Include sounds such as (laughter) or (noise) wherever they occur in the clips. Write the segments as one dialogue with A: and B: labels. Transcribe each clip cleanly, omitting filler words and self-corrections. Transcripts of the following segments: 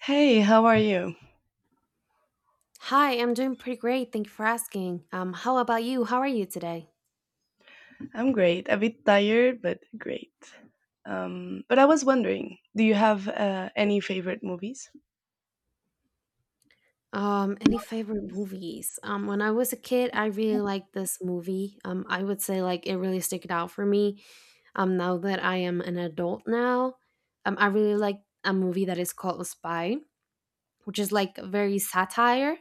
A: Hey, how are you?
B: Hi, I'm doing pretty great. Thank you for asking. How about you? How are you today?
A: I'm great. A bit tired, but great. But I was wondering, do you have any favorite movies?
B: Any favorite movies? When I was a kid, I really liked this movie. I would say like it really stuck it out for me. Now that I am an adult now, I really like a movie that is called Spy, which is like very satire.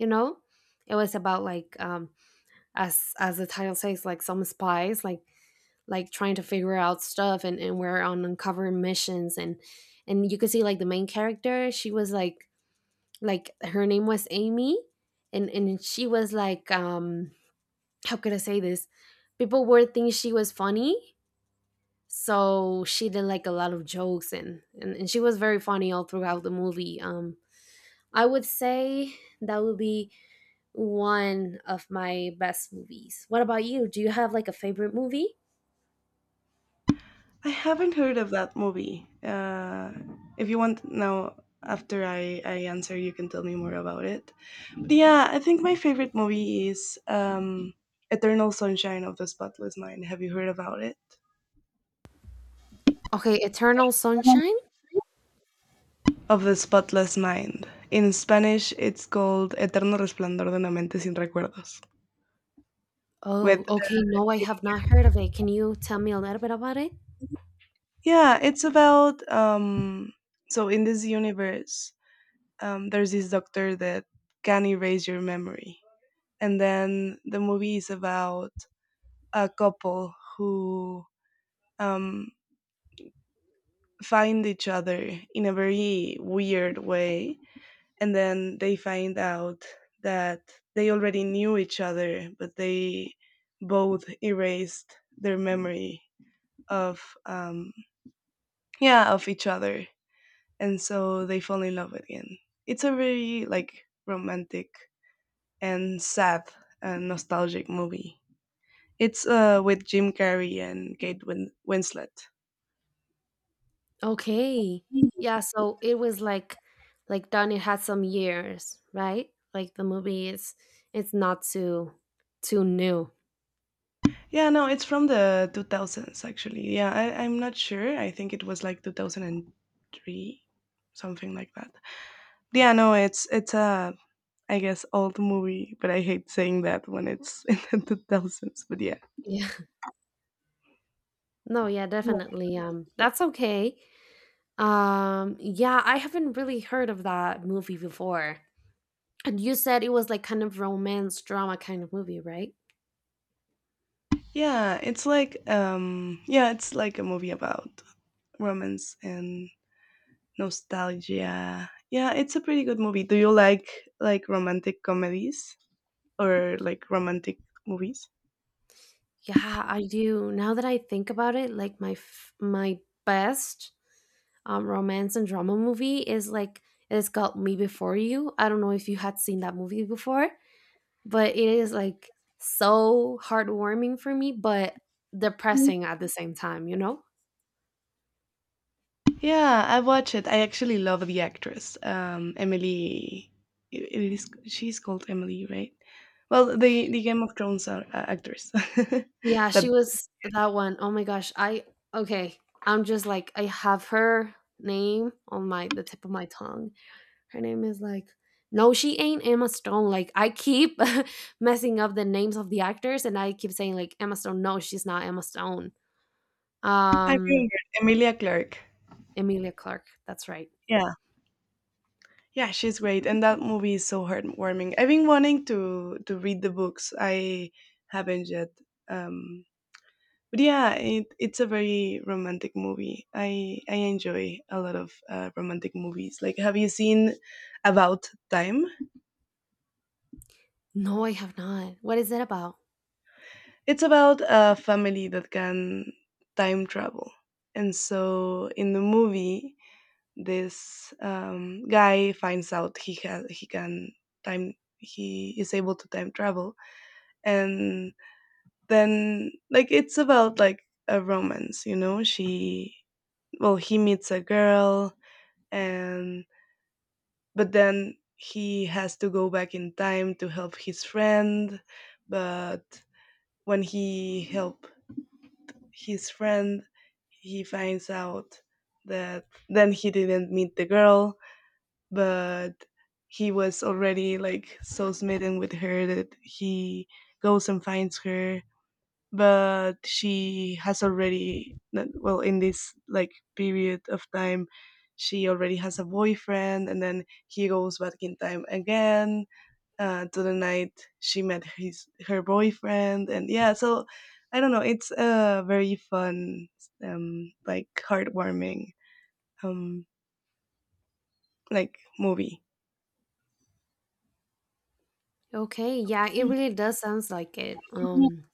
B: You know, it was about like as the title says, like some spies like trying to figure out stuff and we're on uncovering missions and you could see like the main character, she was like her name was Amy, and she was like how could I say this, people were thinking she was funny, so she did like a lot of jokes and she was very funny all throughout the movie. I would say that would be one of my best movies. What about you? Do you have like a favorite movie?
A: I haven't heard of that movie. If you want now, after I answer, you can tell me more about it. But yeah, I think my favorite movie is Eternal Sunshine of the Spotless Mind. Have you heard about it?
B: Okay, eternal sunshine.
A: Of the Spotless Mind. In Spanish, it's called Eterno Resplandor de una Mente sin Recuerdos.
B: Oh,
A: With
B: okay. No, I have not heard of it. Can you tell me a little bit about it?
A: yeah, it's about so in this universe, there's this doctor that can erase your memory. And then the movie is about a couple who um find each other in a very weird way and then they find out that they already knew each other, but they both erased their memory of yeah, of each other, and so they fall in love again. It's a very like romantic and sad and nostalgic movie. It's with Jim Carrey and Winslet.
B: Okay. Yeah, so it was like done, it had some years, right? Like the movie is, it's not too new.
A: Yeah, no, it's from the 2000s actually. Yeah, I'm not sure. I think it was like 2003, something like that. Yeah, no, it's a, I guess, old movie, but I hate saying that when it's (laughs) in the 2000s. But yeah.
B: Yeah. (laughs) No, yeah, definitely. That's okay. Yeah, I haven't really heard of that movie before. And you said it was like kind of romance drama kind of movie, right?
A: Yeah, it's like a movie about romance and nostalgia. Yeah, it's a pretty good movie. Do you like romantic comedies or like romantic movies?
B: Yeah, I do. Now that I think about it, like my best romance and drama movie is like, it's called Me Before You. I don't know if you had seen that movie before, but it is like so heartwarming for me, but depressing at the same time, you know?
A: Yeah, I watch it. I actually love the actress. Emily, it is she's called Emily, right? Well, the Game of Thrones, are actress.
B: Yeah,
A: (laughs)
B: she
A: That
B: was that one. Oh my gosh, I okay. I'm just like, I have her name on my the tip of my tongue. Her name is like, no, she ain't Emma Stone, like I keep (laughs) messing up the names of the actors, and I keep saying like Emma Stone, no, she's not Emma Stone.
A: I
B: um
A: remember Emilia Clarke.
B: Emilia Clark, that's right.
A: Yeah. Yeah, she's great, and that movie is so heartwarming. I've been wanting to read the books. I haven't yet, um, but yeah, it's a very romantic movie. I enjoy a lot of romantic movies. Like, have you seen About Time?
B: No, I have not. What is it about?
A: It's about a family that can time travel, and so in the movie, this guy finds out he can time he is able to time travel and then like it's about like a romance. You know, she, well, he meets a girl, and but then he has to go back in time to help his friend. But when he help his friend, he finds out that then he didn't meet the girl, but he was already like so smitten with her that he goes and finds her. But she has already not- well, in this like period of time, she already has a boyfriend, and then he goes back in time again to the night she met his her boyfriend. And yeah, so I don't know, it's a very fun like heartwarming um like movie.
B: Okay, yeah, it really does sounds like it. um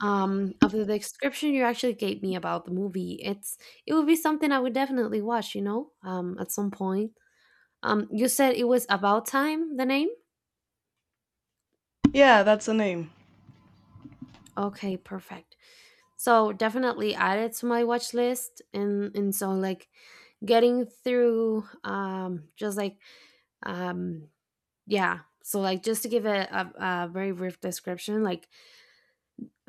B: um Of the description you actually gave me about the movie, it would be something I would definitely watch, at some point. You said it was About Time, the name?
A: Yeah, that's the name.
B: Okay, perfect. So definitely added to my watch list, and so like getting through, just like, um yeah, so like just to give a very brief description, like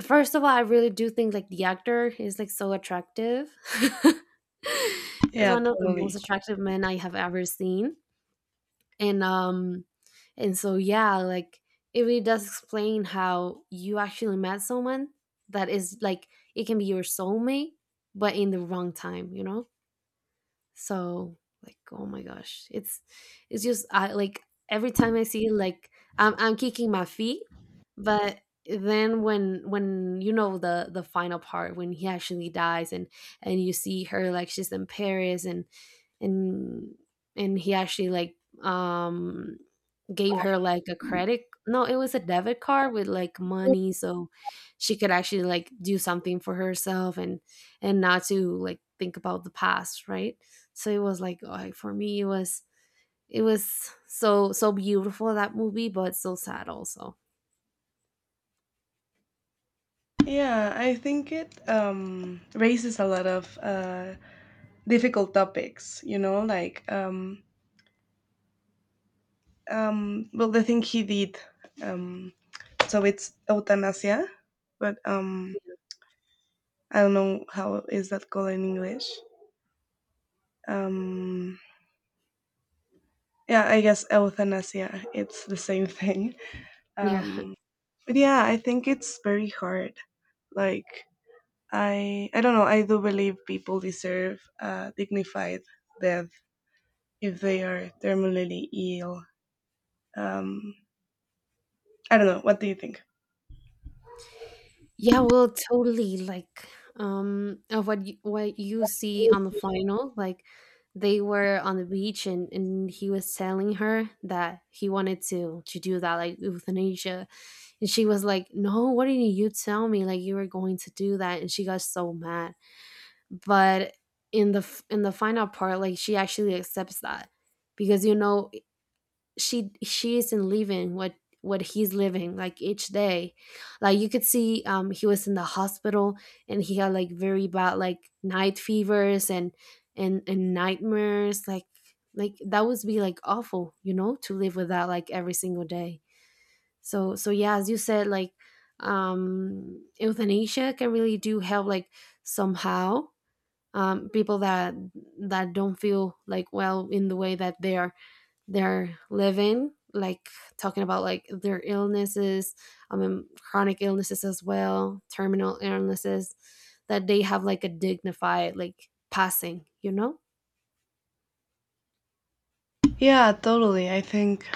B: first of all I really do think like the actor is like so attractive, (laughs) is
A: Yeah,
B: one of the most
A: totally.
B: attractive men I have ever seen. And and so yeah, like it really does explain how you actually met someone that is like, it can be your soulmate but in the wrong time, you know. So, like, oh my gosh, it's just I like every time I see it, like I'm kicking my feet, but then when you know the final part when he actually dies, and you see her like she's in Paris, and and he actually like um gave her like a credit, no it was a debit card with like money, so she could actually like do something for herself, and not to like think about the past, right? So it was like, oh, for me it was so beautiful, that movie, but so sad also.
A: Yeah, I think it raises a lot of difficult topics, you know, like well, the thing he did, um so it's euthanasia, but I don't know how is that called in English. um yeah, I guess euthanasia, it's the same (laughs) thing.
B: Yeah. (laughs)
A: um but yeah, I think it's very hard. Like, I don't know, I do believe people deserve a dignified death if they are terminally ill. um I don't know, what do you think?
B: Yeah, well totally, like of what you see on the final, like they were on the beach, and he was telling her that he wanted to do that, like euthanasia, and she was like, no, what, didn't you tell me like you were going to do that? And she got so mad. But in the final part, like she actually accepts that, because you know she isn't living what he's living like each day. Like you could see, he was in the hospital, and he had like very bad like night fevers, and nightmares, like that would be like awful, you know, to live with that like every single day. So yeah, as you said, like euthanasia can really do help like somehow, people that don't feel like well in the way that they're living, like talking about like their illnesses, I mean chronic illnesses as well, terminal illnesses, that they have like a dignified like passing, you know.
A: Yeah, totally.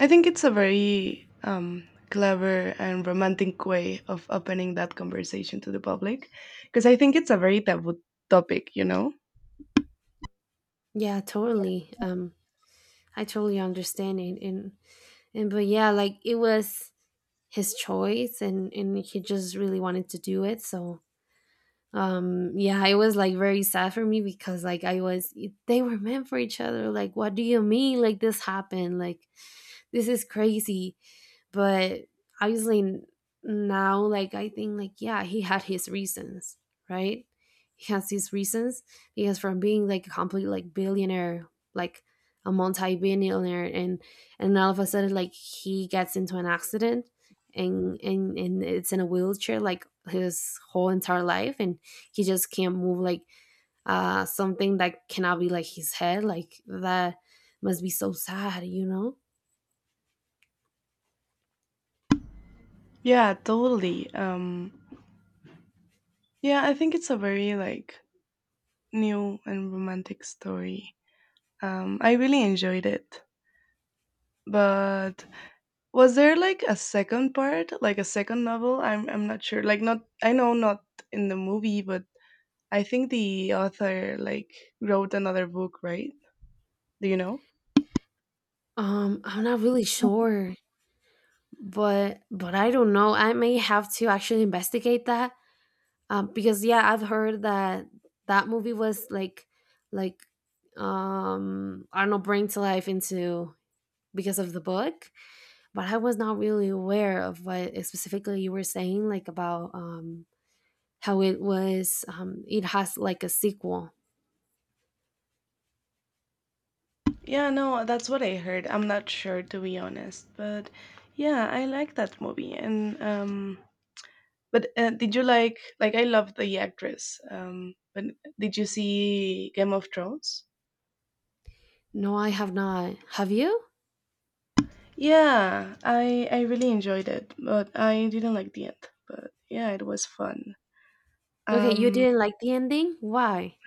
A: I think it's a very clever and romantic way of opening that conversation to the public, because I think it's a very taboo topic. You know?
B: Yeah, totally. I totally understand it, and but yeah, like it was his choice, and he just really wanted to do it, so yeah, it was like very sad for me, because like I was they were meant for each other, like what do you mean like this happened, like this is crazy. But obviously, now like I think like, yeah, he had his reasons, right? He has his reasons, because from being like a complete like billionaire, like a multi-billionaire, and all of a sudden like he gets into an accident, and it's in a wheelchair like his whole entire life, and he just can't move like something that cannot be like his head, like that must be so sad, you know.
A: Yeah, totally. Yeah, I think it's a very like new and romantic story. I really enjoyed it. But was there like a second part, like a second novel? I'm not sure. Like, not, I know, not in the movie, but I think the author like wrote another book, right? Do you know?
B: I'm not really sure, but I don't know. I may have to actually investigate that. Because yeah, I've heard that that movie was like I don't know, bring to life into because of the book, but I was not really aware of what specifically you were saying, like about how it was, it has like a sequel.
A: Yeah, no, that's what I heard. I'm not sure to be honest, but yeah, I like that movie. And but did you like I love the actress. But did you see Game of Thrones?
B: No, I have not. Have you?
A: Yeah, I really enjoyed it, but I didn't like the end. But yeah, it was fun.
B: Okay, you
A: Um,
B: didn't like the ending? Why?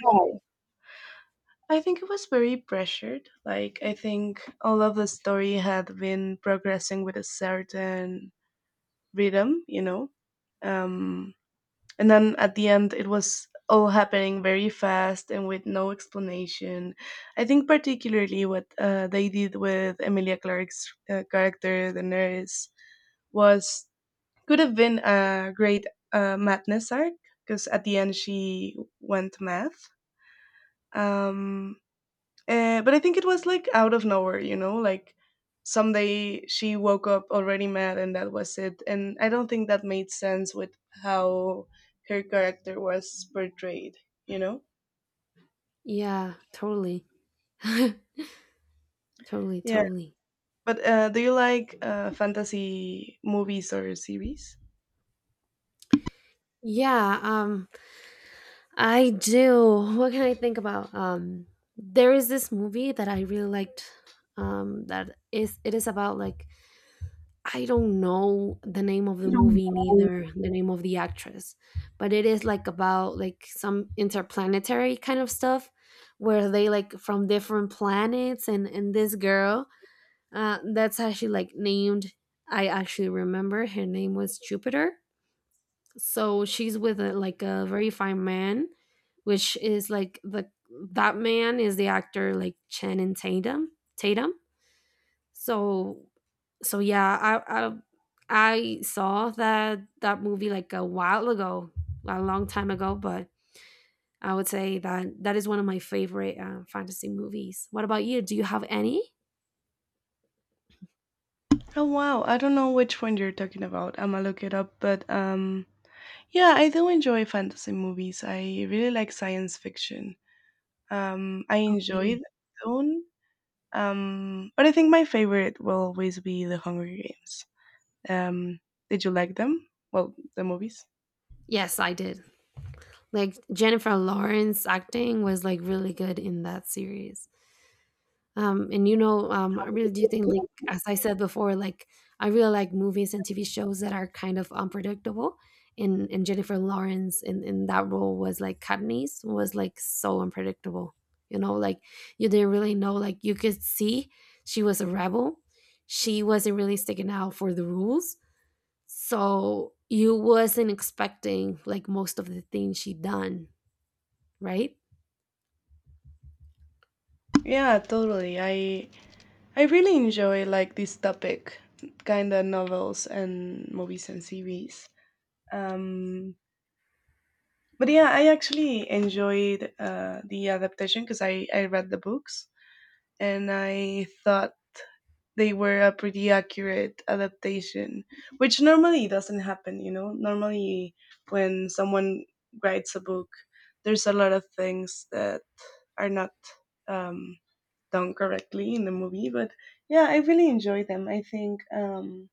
A: I think it was very pressured. Like, I think all of the story had been progressing with a certain rhythm, you know? Um, and then at the end, it was all happening very fast and with no explanation. I think, particularly, what they did with Emilia Clarke's character, the nurse, was could have been a great madness arc, because at the end she went mad. Um, but I think it was like out of nowhere, you know, like someday she woke up already mad and that was it. And I don't think that made sense with how her character was portrayed, you know?
B: Yeah, totally. (laughs) Totally,
A: Yeah.
B: totally.
A: But do you like fantasy movies or series?
B: Yeah, I do. What can I think about? There is this movie that I really liked, that is it is about like, I don't know the name of the
A: No.
B: movie neither the name of the actress, but it is like about like some interplanetary kind of stuff, where they like from different planets, and this girl, that's actually like named, I actually remember her name was Jupiter, so she's with like a very fine man, which is like the that man is the actor like Channing Tatum. So so yeah, I saw that movie like a while ago, a long time ago, but I would say that that is one of my favorite fantasy movies. What about you? Do you have any?
A: Oh wow, I don't know which one you're talking about. I'ma look it up, but yeah, I do enjoy fantasy movies. I really like science fiction. I
B: Okay,
A: enjoy them. But I think my favorite will always be The Hunger Games. Um, did you like them? Well, the movies.
B: yes I did. Like Jennifer Lawrence acting was like really good in that series. And I really do think, like as I said before, like I really like movies and TV shows that are kind of unpredictable. And Jennifer Lawrence in that role was like Katniss was like so unpredictable. You know, like you didn't really know. Like you could see she was a rebel. She wasn't really sticking out for the rules, so you wasn't expecting like most of the things she done, right?
A: Yeah, totally. I really enjoy like this topic, kind of novels and movies and series. Um, but yeah, I actually enjoyed the adaptation because I read the books and I thought they were a pretty accurate adaptation, which normally doesn't happen, you know? Normally, when someone writes a book, there's a lot of things that are not um, done correctly in the movie, but yeah, I really enjoy them. I think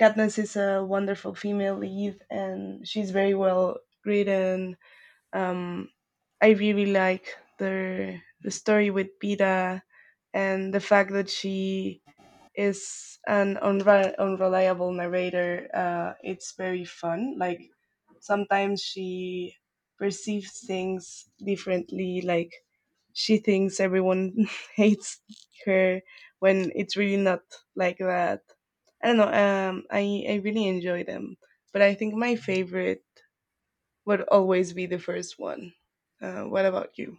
A: Katniss is a wonderful female lead and she's very well written. Um, I really like the story with Peta and the fact that she is an unreliable narrator. It's very fun. Like sometimes she perceives things differently. Like she thinks everyone (laughs) hates her when it's really not like that. I don't know. I really enjoy them, but I think my favorite would always be the first one. What about you?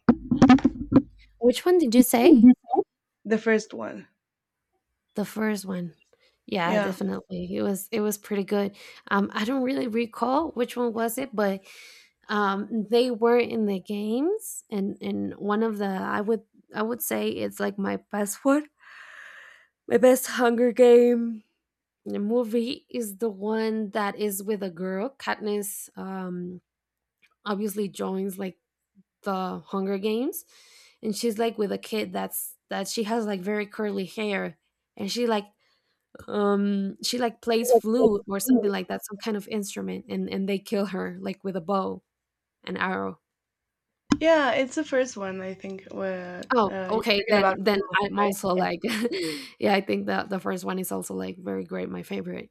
B: Which one did you say?
A: The first one.
B: The first one. Yeah,
A: Yeah.
B: definitely. It was pretty good. I don't really recall which one was it, but they were in the games, and one of the I would say it's like my best (laughs) one, my best Hunger Game, the movie is the one that is with a girl. Katniss obviously joins like the Hunger Games, and she's like with a kid that she has like very curly hair, and she like plays flute or something like that, some kind of instrument, and they kill her like with a bow and arrow.
A: Yeah, it's the first one I think where
B: Oh,
A: you're
B: okay,
A: talking
B: then
A: about
B: then
A: Roof,
B: I'm
A: right?
B: also
A: Yeah.
B: like (laughs) yeah, I think that the first one is also like very great, my favorite.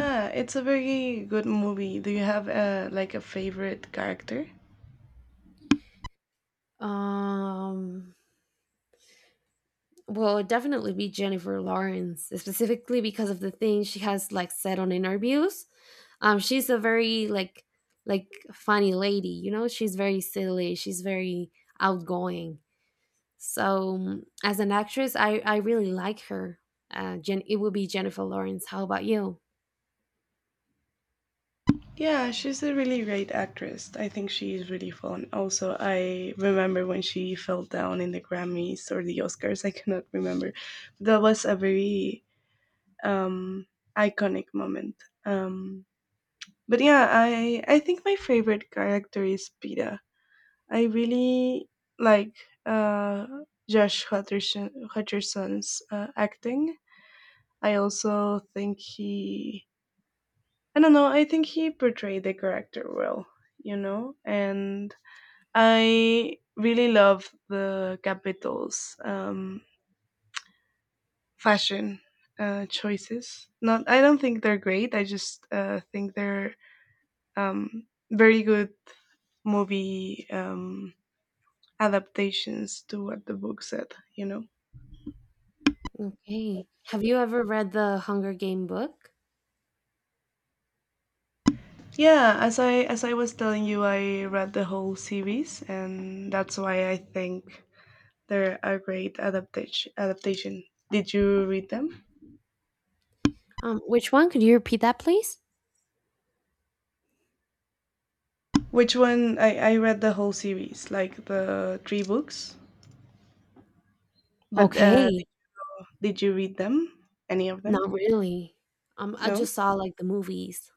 A: Yeah, it's a very good movie. Do you have like a favorite character?
B: um well, it'd definitely be Jennifer Lawrence, specifically because of the things she has like said on interviews. She's a very like funny lady, you know, she's very silly, she's very outgoing. So as an actress, I really like her. It would be Jennifer Lawrence. How about you?
A: Yeah, she's a really great actress. I think she is really fun. Also, I remember when she fell down in the Grammys or the Oscars. (laughs) I cannot remember. That was a very um, iconic moment. Um, but yeah, I think my favorite character is Peta. I really like uh, Hutcherson's acting. I also think I don't know, I think he portrayed the character well, you know? And I really love the Capitals' fashion choices. Not, I don't think they're great, I just think they're very good movie adaptations to what the book said, you know?
B: Okay. Have you ever read the Hunger Game book?
A: Yeah, as I was telling you, I read the whole series, and that's why I think they're a great Adaptation. Did you read them?
B: Which one? Could you repeat that, please?
A: Which one? I read the whole series, like the three books. But
B: Okay.
A: did you read them? Any of
B: Not
A: them?
B: really. I
A: No.
B: just saw like the movies.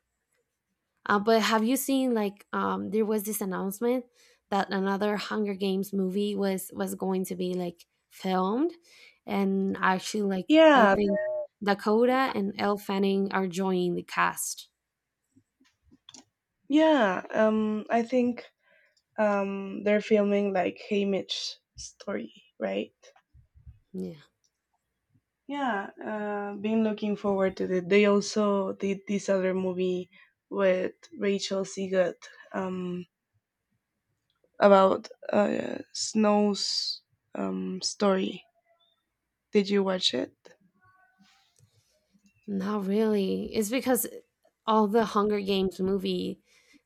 B: But have you seen like there was this announcement that another Hunger Games movie was going to be like filmed, and actually like I
A: Yeah,
B: think Dakota and Elle Fanning are joining the cast.
A: yeah. I think they're filming like Haymitch story, right?
B: Yeah,
A: Yeah, been looking forward to it. They also did this other movie with Rachel Siegel um, about Snow's story. Did you watch it?
B: not really. It's because all the Hunger Games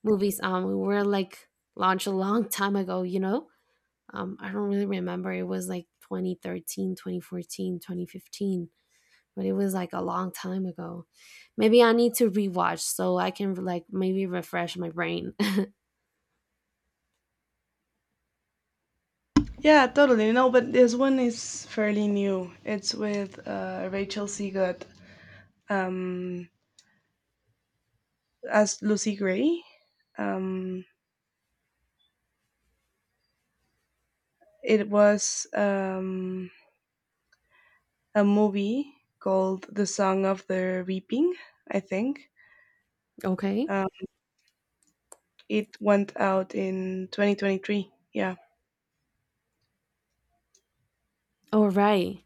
B: movies were like launched a long time ago, you know? I don't really remember. It was like 2013, 2014, 2015, but it was like a long time ago. Maybe I need to rewatch so I can like maybe refresh my brain.
A: Yeah, totally. No, but this one is fairly new. It's with Rachel Siegel um, as Lucy Gray. Um, it was a movie called The Song of the Reaping, I think.
B: (laughs) Okay?
A: Um, It went out in 2023. Yeah.
B: All right.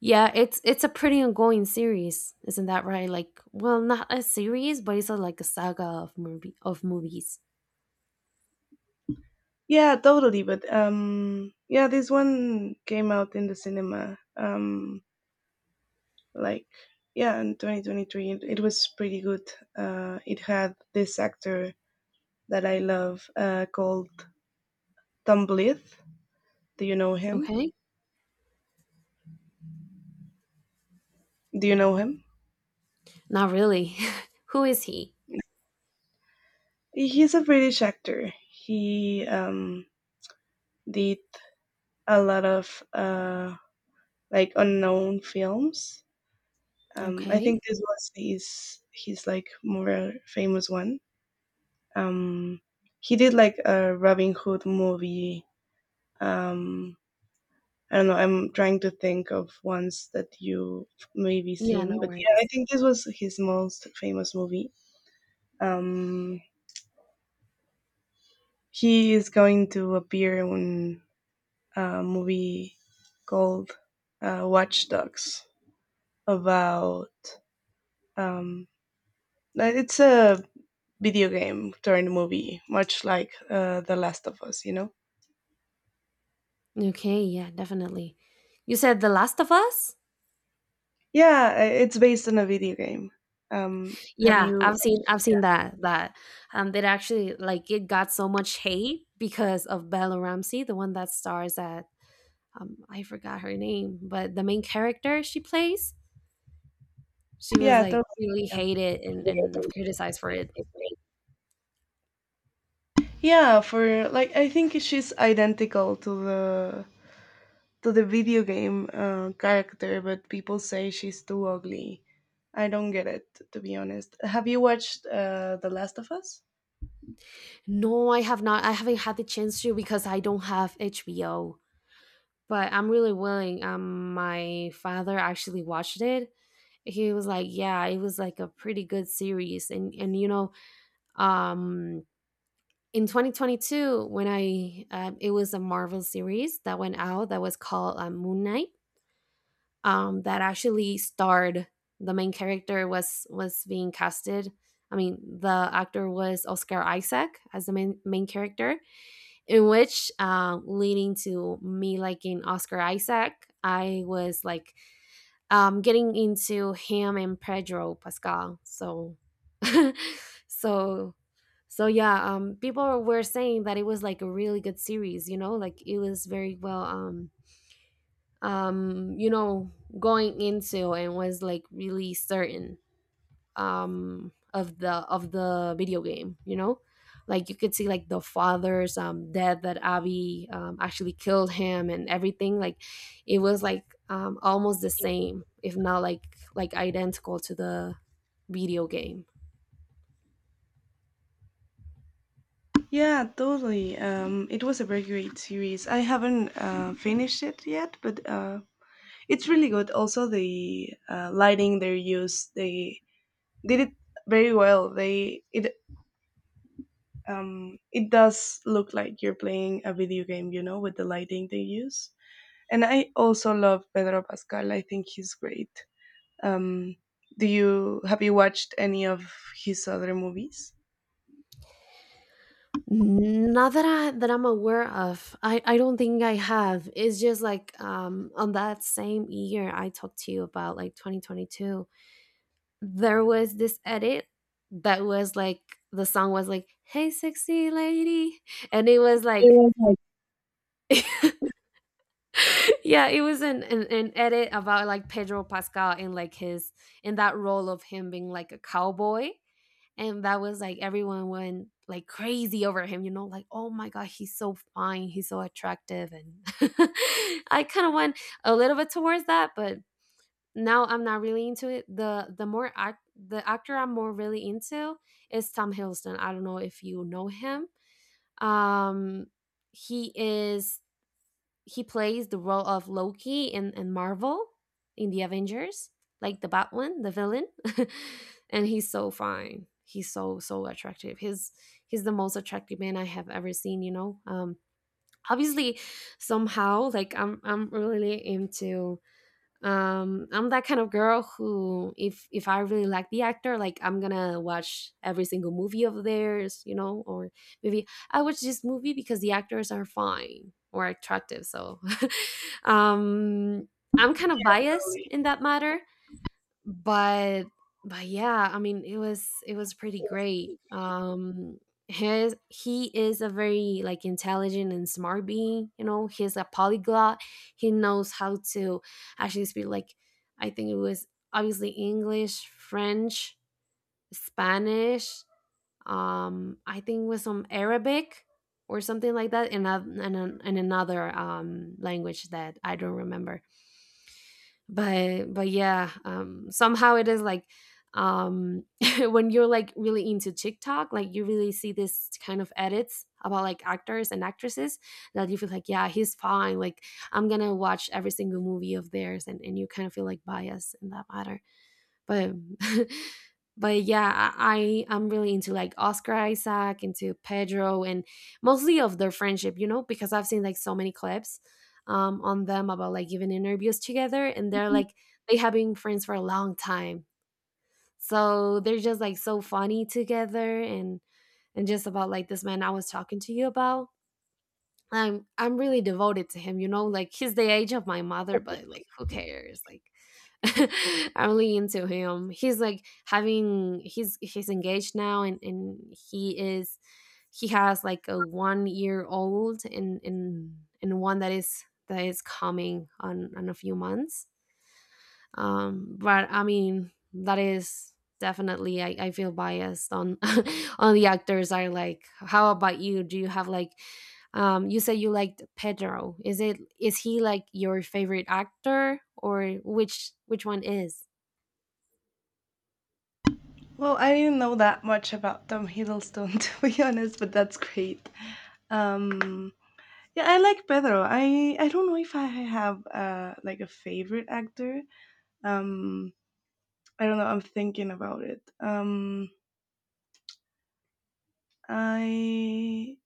B: Yeah, it's a pretty ongoing series, isn't that right? Like, well, not a series, but it's a, like a saga of movies.
A: Yeah, totally. But yeah, this one came out in the cinema. Like yeah, in 2023, it was pretty good. It had this actor that I love called Tom Blyth. Do you know him?
B: Okay?
A: Do you know him?
B: Not really. (laughs) Who is he?
A: He's a British actor. He did a lot of like unknown films. I
B: Okay.
A: think this was his like more famous one. Um, he did like a Robin Hood movie. Um, I don't know. I'm trying to think of ones that you maybe
B: Yeah,
A: seen,
B: no
A: but yeah, I
B: worries.
A: think this was his most famous movie. Um, he is going to appear in a movie called Watch Dogs about um, it's a video game turned movie, much like The Last of Us, you know?
B: Okay, yeah, definitely. You said The Last of Us?
A: Yeah, it's based on a video game. Um, have
B: Yeah,
A: you?
B: I've seen that, that actually like it got so much hate because of Bella Ramsey, the one that stars at I forgot her name, but the main character she plays, she was
A: Yeah,
B: like
A: totally.
B: really
A: Yeah.
B: hated and criticized for it.
A: Yeah, for like I think she's identical to the video game character, but people say she's too ugly. I don't get it, to be honest. Have you watched The Last of Us?
B: No, I have not. I haven't had the chance to because I don't have HBO. But I'm really willing. My father actually watched it. He was like, "Yeah, it was like a pretty good series." And you know, um, in 2022 when I it was a Marvel series that went out that was called Moon Knight, that actually starred, the main character was being casted, I mean the actor was Oscar Isaac, as the main character, in which leading to me liking Oscar Isaac. I was like getting into him and Pedro Pascal. So (laughs) so so yeah, people were saying that it was like a really good series, you know, like it was very well, um, you know, going into and was like really certain of the video game, you know, like you could see like the father's death that Abby actually killed him and everything. Like it was like almost the same if not like like identical to the video game.
A: Yeah, totally. It was a very great series. I haven't finished it yet, but it's really good. Also, the lighting they use, they did it very well. They it It does look like you're playing a video game, you know, with the lighting they use. And I also love Pedro Pascal. I think he's great. Um, do you have you watched any of his other movies?
B: Not that I'm aware of. I don't think I have. It's just like on that same year I talked to you about, like 2022. There was this edit that was like the song was like "Hey sexy lady," and it was
A: It
B: like
A: was like
B: (laughs) yeah, it was an edit about like Pedro Pascal in like his in that role of him being like a cowboy. And that was like everyone went like crazy over him, you know, like oh my god, he's so fine, he's so attractive. And (laughs) I kind of went a little bit towards that, but now I'm not really into it. The more act the actor I'm more really into is Tom Hiddleston. I don't know if you know him. um he is, he plays the role of Loki in Marvel, in the Avengers, like the bad one, the villain. (laughs) And he's so fine. He's so attractive. He's the most attractive man I have ever seen, you know. Obviously somehow like I'm really into, I'm that kind of girl who, if I really like the actor, like I'm gonna watch every single movie of theirs, you know, or maybe I watch this movie because the actors are fine or attractive. So (laughs) um I'm kind of biased in
A: a-
B: that matter, but but yeah, I mean, it was pretty great. His He is a very like intelligent and smart being, you know. He's a polyglot. He knows how to actually speak like, I think it was obviously English, French, Spanish, I think with some Arabic or something like that, in another language that I don't remember. But yeah, somehow it is like um (laughs) when you're like really into TikTok, like you really see this kind of edits about like actors and actresses, that you feel like yeah, he's fine, like I'm gonna watch every single movie of theirs, and you kind of feel like biased in that matter. But (laughs) but yeah, I'm really into like Oscar Isaac, into Pedro, and mostly of their friendship, you know, because I've seen like so many clips on them about like giving interviews together, and they're like they have been friends for a long time, so they're just like so funny together. And just about like this man I was talking to you about, I'm really devoted to him, you know, like he's the age of my mother, but like who cares? Like (laughs) I'm really into him. He's like having, he's engaged now, and he is, he has like a 1 year old, and one that is coming on a few months. But I mean, that is definitely, I feel biased on (laughs) on the actors. Are, like, how about you? Do you have like, you said you liked Pedro, is it, is he like your favorite actor, or which one is,
A: Well, I didn't know that much about Tom Hiddleston (laughs) to be honest, but that's great. Um, yeah, I like Pedro. I don't know if I have like a favorite actor. Um, I don't know. I'm thinking about it. I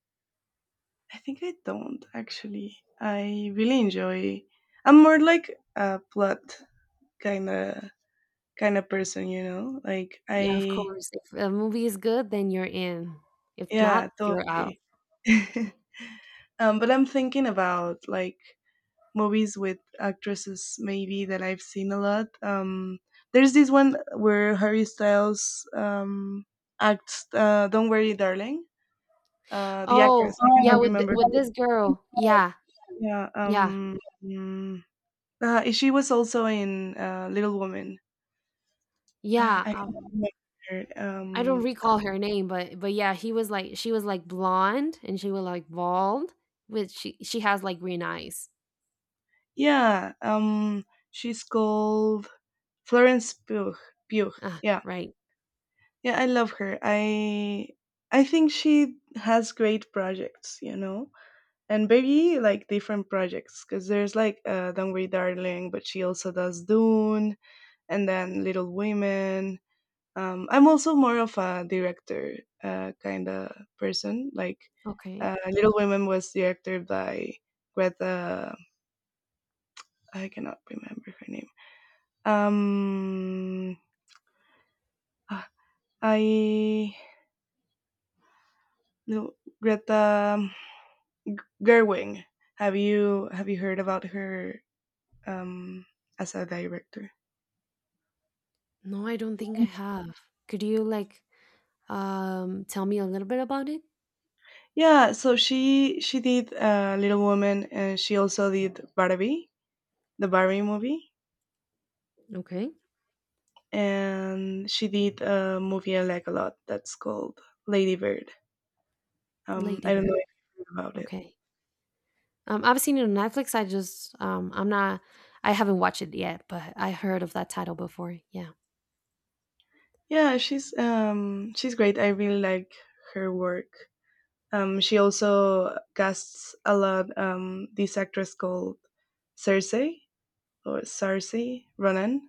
A: think I don't actually. I really enjoy. I'm more like a plot kind of kind of person, you know.
B: yeah, of course, if a movie is good then you're in, if
A: Yeah,
B: not you're out.
A: totally. (laughs) But I'm thinking about like movies with actresses maybe that I've seen a lot. There's this one where Harry Styles acts. Don't worry, darling. The actress.
B: Oh
A: I Oh,
B: yeah,
A: cannot
B: with
A: remember.
B: with this girl, yeah.
A: Yeah.
B: Yeah,
A: Mm, she was also in Little Woman. Ah,
B: yeah.
A: (sighs) I can't remember her.
B: I don't
A: Um,
B: recall her name, but yeah, he was like, she was like blonde and she was like bald, which she has like green eyes.
A: yeah, um, she's called Florence Pugh. Pugh.
B: Ah,
A: Yeah,
B: right.
A: yeah, I love her. I think she has great projects, you know, and very like different projects because there's like Don't Worry, Darling, but she also does Dune, and then Little Women. I'm also more of a director kind of person.
B: Okay.
A: Little Women was directed by Greta. I cannot remember her name. Um, ah, I no Greta Gerwig. Have you heard about her um, as a director?
B: No, I don't think I have. Could you like tell me a little bit about it?
A: Yeah, so she did Little Women, and she also did Barbie, the Barbie movie.
B: Okay.
A: And she did a movie I like a lot that's called Lady Bird. I don't know
B: Ladybird.
A: if you heard about it.
B: Okay. I've seen it on Netflix. I just I'm not, I haven't watched it yet, but I heard of that title before. Yeah.
A: Yeah, she's great. I really like her work. She also casts a lot this actress called Cersei or Cersei Ronan.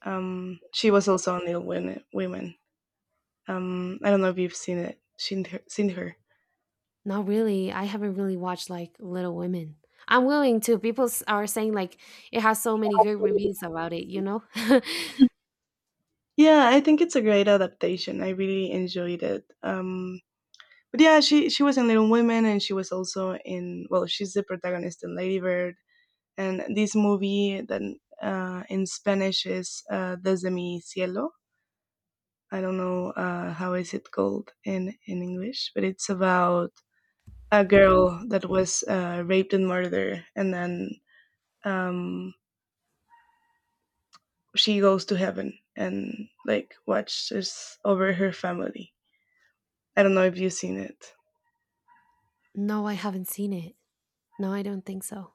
A: She was also on Little Women. I don't know if you've seen it. Seen her.
B: Not really. I haven't really watched like Little Women. I'm willing to. People are saying like it has so many good reviews about it, you know? (laughs)
A: Yeah, I think it's a great adaptation. I really enjoyed it. But yeah, she was in Little Women, and she was also in well, she's the protagonist in Lady Bird, and this movie that in Spanish is Desde mi cielo. I don't know how is it called in English, but it's about a girl that was raped and murdered, and then um, she goes to heaven and like watches over her family. I don't know if you've seen it.
B: No, I haven't seen it. No, I don't think so.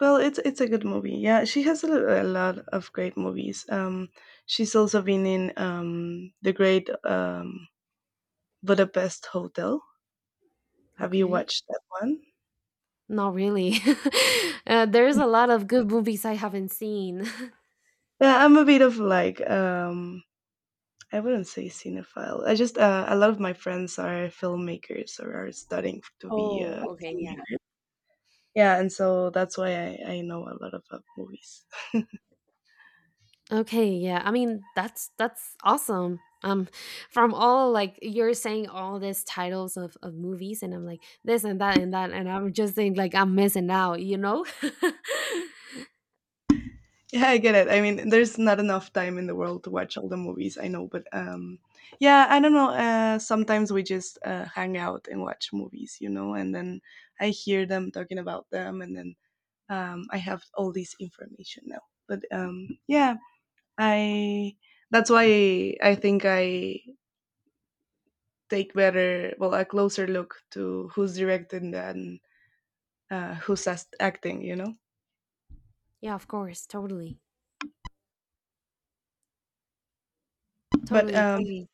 A: Well, it's a good movie. Yeah, she has a lot of great movies. She's also been in the Great Budapest Hotel. Have you
B: Okay.
A: watched that one?
B: Not really. (laughs) There's a lot of good movies I haven't seen. (laughs)
A: Yeah, I'm a bit of like I wouldn't say cinephile. I just a lot of my friends are filmmakers or are studying to be
B: Oh, okay, yeah.
A: filmmakers. Yeah, and so that's why I know a lot of movies.
B: Okay, yeah. I mean, that's awesome. From all like you're saying all these titles of movies, and I'm like this and that and that, and I'm just saying like I'm missing out, you know? (laughs)
A: Yeah, I get it. I mean, there's not enough time in the world to watch all the movies. I know, but yeah, I don't know. Sometimes we just hang out and watch movies, you know, and then I hear them talking about them, and then I have all this information now. But yeah, I that's why I think I take better, well, a closer look to who's directing and who's acting, you know.
B: Yeah, of course, totally,
A: But
B: totally,
A: um,
B: totally.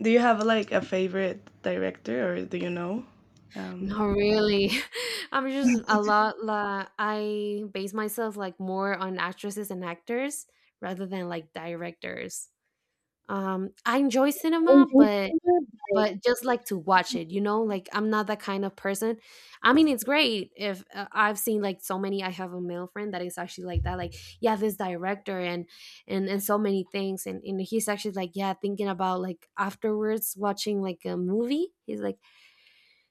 A: do you have like a favorite director, or do you know? Um,
B: Not really. (laughs) I'm just a lot. I base myself like more on actresses and actors rather than like directors. I enjoy cinema, but just like to watch it, you know, like I'm not that kind of person. I mean, it's great if, I've seen like so many, I have a male friend that is actually like that. Like yeah, this director and so many things, and he's actually like yeah, thinking about like afterwards watching like a movie, he's like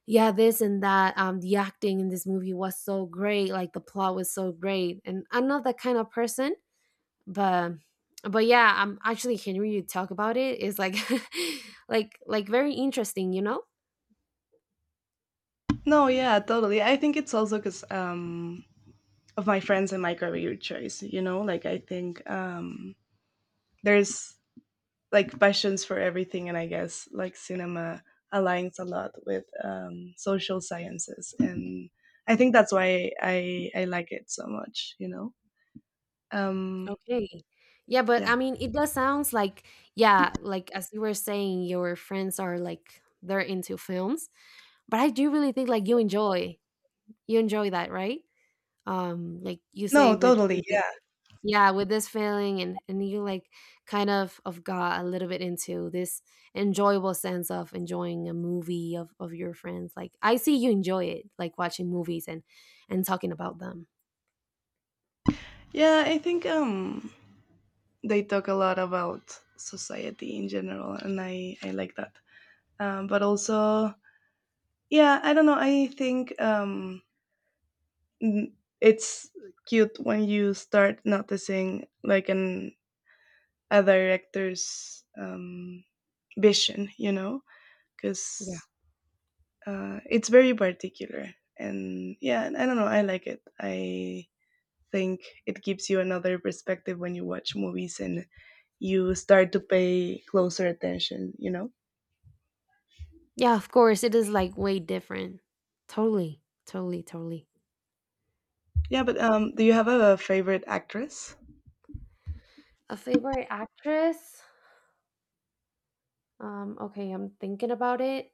B: yeah, this and that, the acting in this movie was so great, like the plot was so great. And I'm not that kind of person, but but yeah, I'm actually hearing you talk about it is like (laughs) like very interesting, you know?
A: no, yeah, totally. I think it's also because of my friends and my career choice. You know, like I think there's like passions for everything, and I guess like cinema aligns a lot with social sciences, and I think that's why I like it so much. You know. Um,
B: Okay. Yeah, but I
A: yeah.
B: mean, it does sounds like, yeah, like as you were saying, your friends are like they're into films, but I do really think like you enjoy, you enjoy that, right? Like you say
A: No,
B: with
A: totally.
B: this,
A: Yeah.
B: yeah, with this feeling, and you like kind of got a little bit into this enjoyable sense of enjoying a movie of your friends. Like I see you enjoy it, like watching movies and talking about them.
A: Yeah, I think they talk a lot about society in general, and I like that. But also, yeah, I don't know. I think it's cute when you start noticing like an a director's vision, you know,
B: Yeah.
A: because it's very particular. And yeah, I don't know. I like it. I think it gives you another perspective when you watch movies and you start to pay closer attention, you know?
B: Yeah, of course it is like way different. Totally. Totally, totally.
A: Yeah, but do you have a favorite actress?
B: A favorite actress? Okay, I'm thinking about it.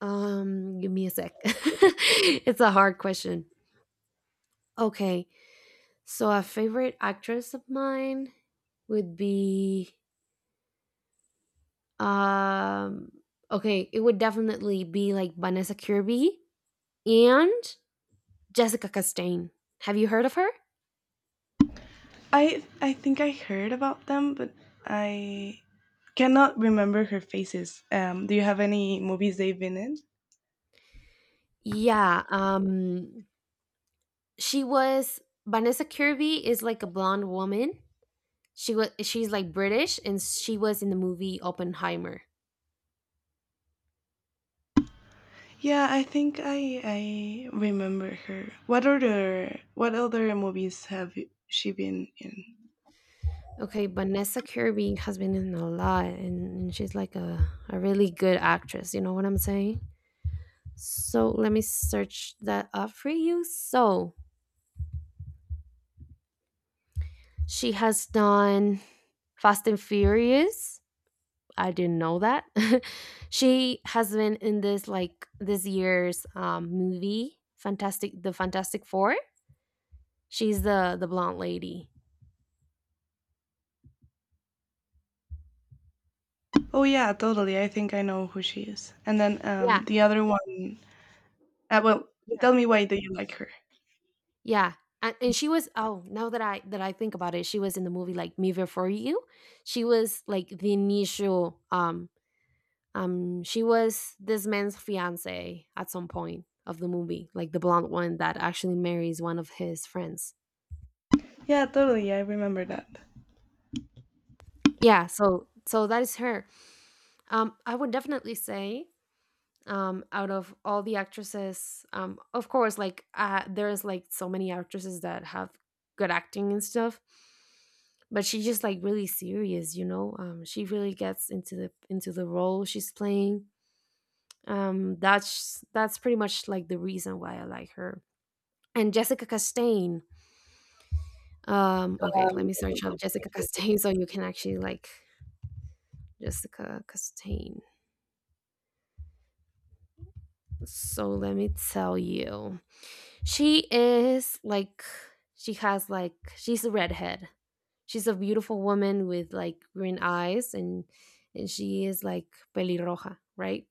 B: Give me a sec. (laughs) It's a hard question. Okay. So a favorite actress of mine would be um okay, it would definitely be like Vanessa Kirby and Jessica Chastain. Have you heard of her?
A: I think I heard about them, but I cannot remember her faces. Do you have any movies they've been in?
B: Yeah, she was, Vanessa Kirby is like a blonde woman. She was, she's like British, and she was in the movie Oppenheimer.
A: Yeah, I think I remember her. What other movies have she been in?
B: Okay, Vanessa Kirby has been in a lot, and she's like a really good actress, you know what I'm saying? So let me search that up for you. So she has done Fast and Furious. I didn't know that. (laughs) She has been in this like this year's movie, the Fantastic Four. She's the blonde lady.
A: Oh yeah, totally. I think I know who she is. And then
B: Yeah,
A: the other one. Well,
B: yeah,
A: tell me why do you like her?
B: yeah. And she was, oh now that I think about it, she was in the movie like Me Before You. She was like the initial she was this man's fiance at some point of the movie, like the blonde one that actually marries one of his friends.
A: Yeah, totally. I remember that.
B: Yeah, so so that is her. I would definitely say, out of all the actresses, of course, like there's like so many actresses that have good acting and stuff, but she's just like really serious, you know. She really gets into the role she's playing. That's pretty much like the reason why I like her. And Jessica Chastain. Okay, let me search up Jessica Chastain (laughs) so you can actually like Jessica Chastain. So let me tell you. She is like, she has like she's a redhead. She's a beautiful woman with like green eyes, and she is like pelirroja, right?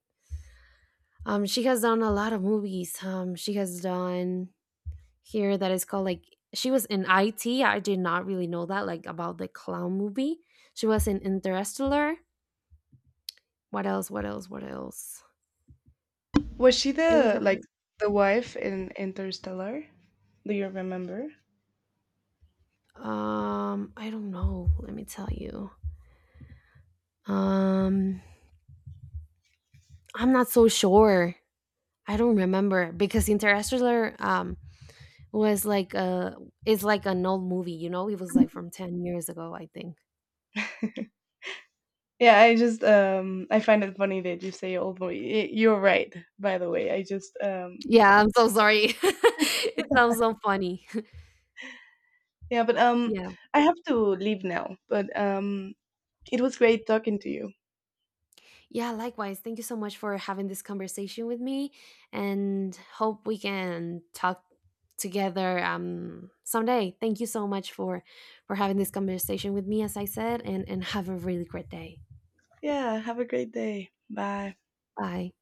B: She has done a lot of movies. She has done here that is called like, she was in IT. I did not really know that like about the clown movie. She was in Interstellar. What else? What else? What else?
A: Was she
B: It was
A: the
B: a
A: like the wife in Interstellar? Do you remember?
B: I don't know. Let me tell you. Um I'm not so sure. I don't remember because Interstellar was like a is like an old movie, you know? It was like from 10 years ago, I think.
A: Yeah, I just I find it funny that you say old boy. You're right, by the way. I just
B: Yeah, I'm so sorry. (laughs) It sounds so funny.
A: yeah, but
B: (laughs) Yeah.
A: I have to leave now. But it was great talking to you.
B: Yeah, likewise. Thank you so much for having this conversation with me, and hope we can talk together someday. Thank you so much for having this conversation with me, as I said, and have a really great day.
A: Yeah, have a great day. Bye.
B: Bye.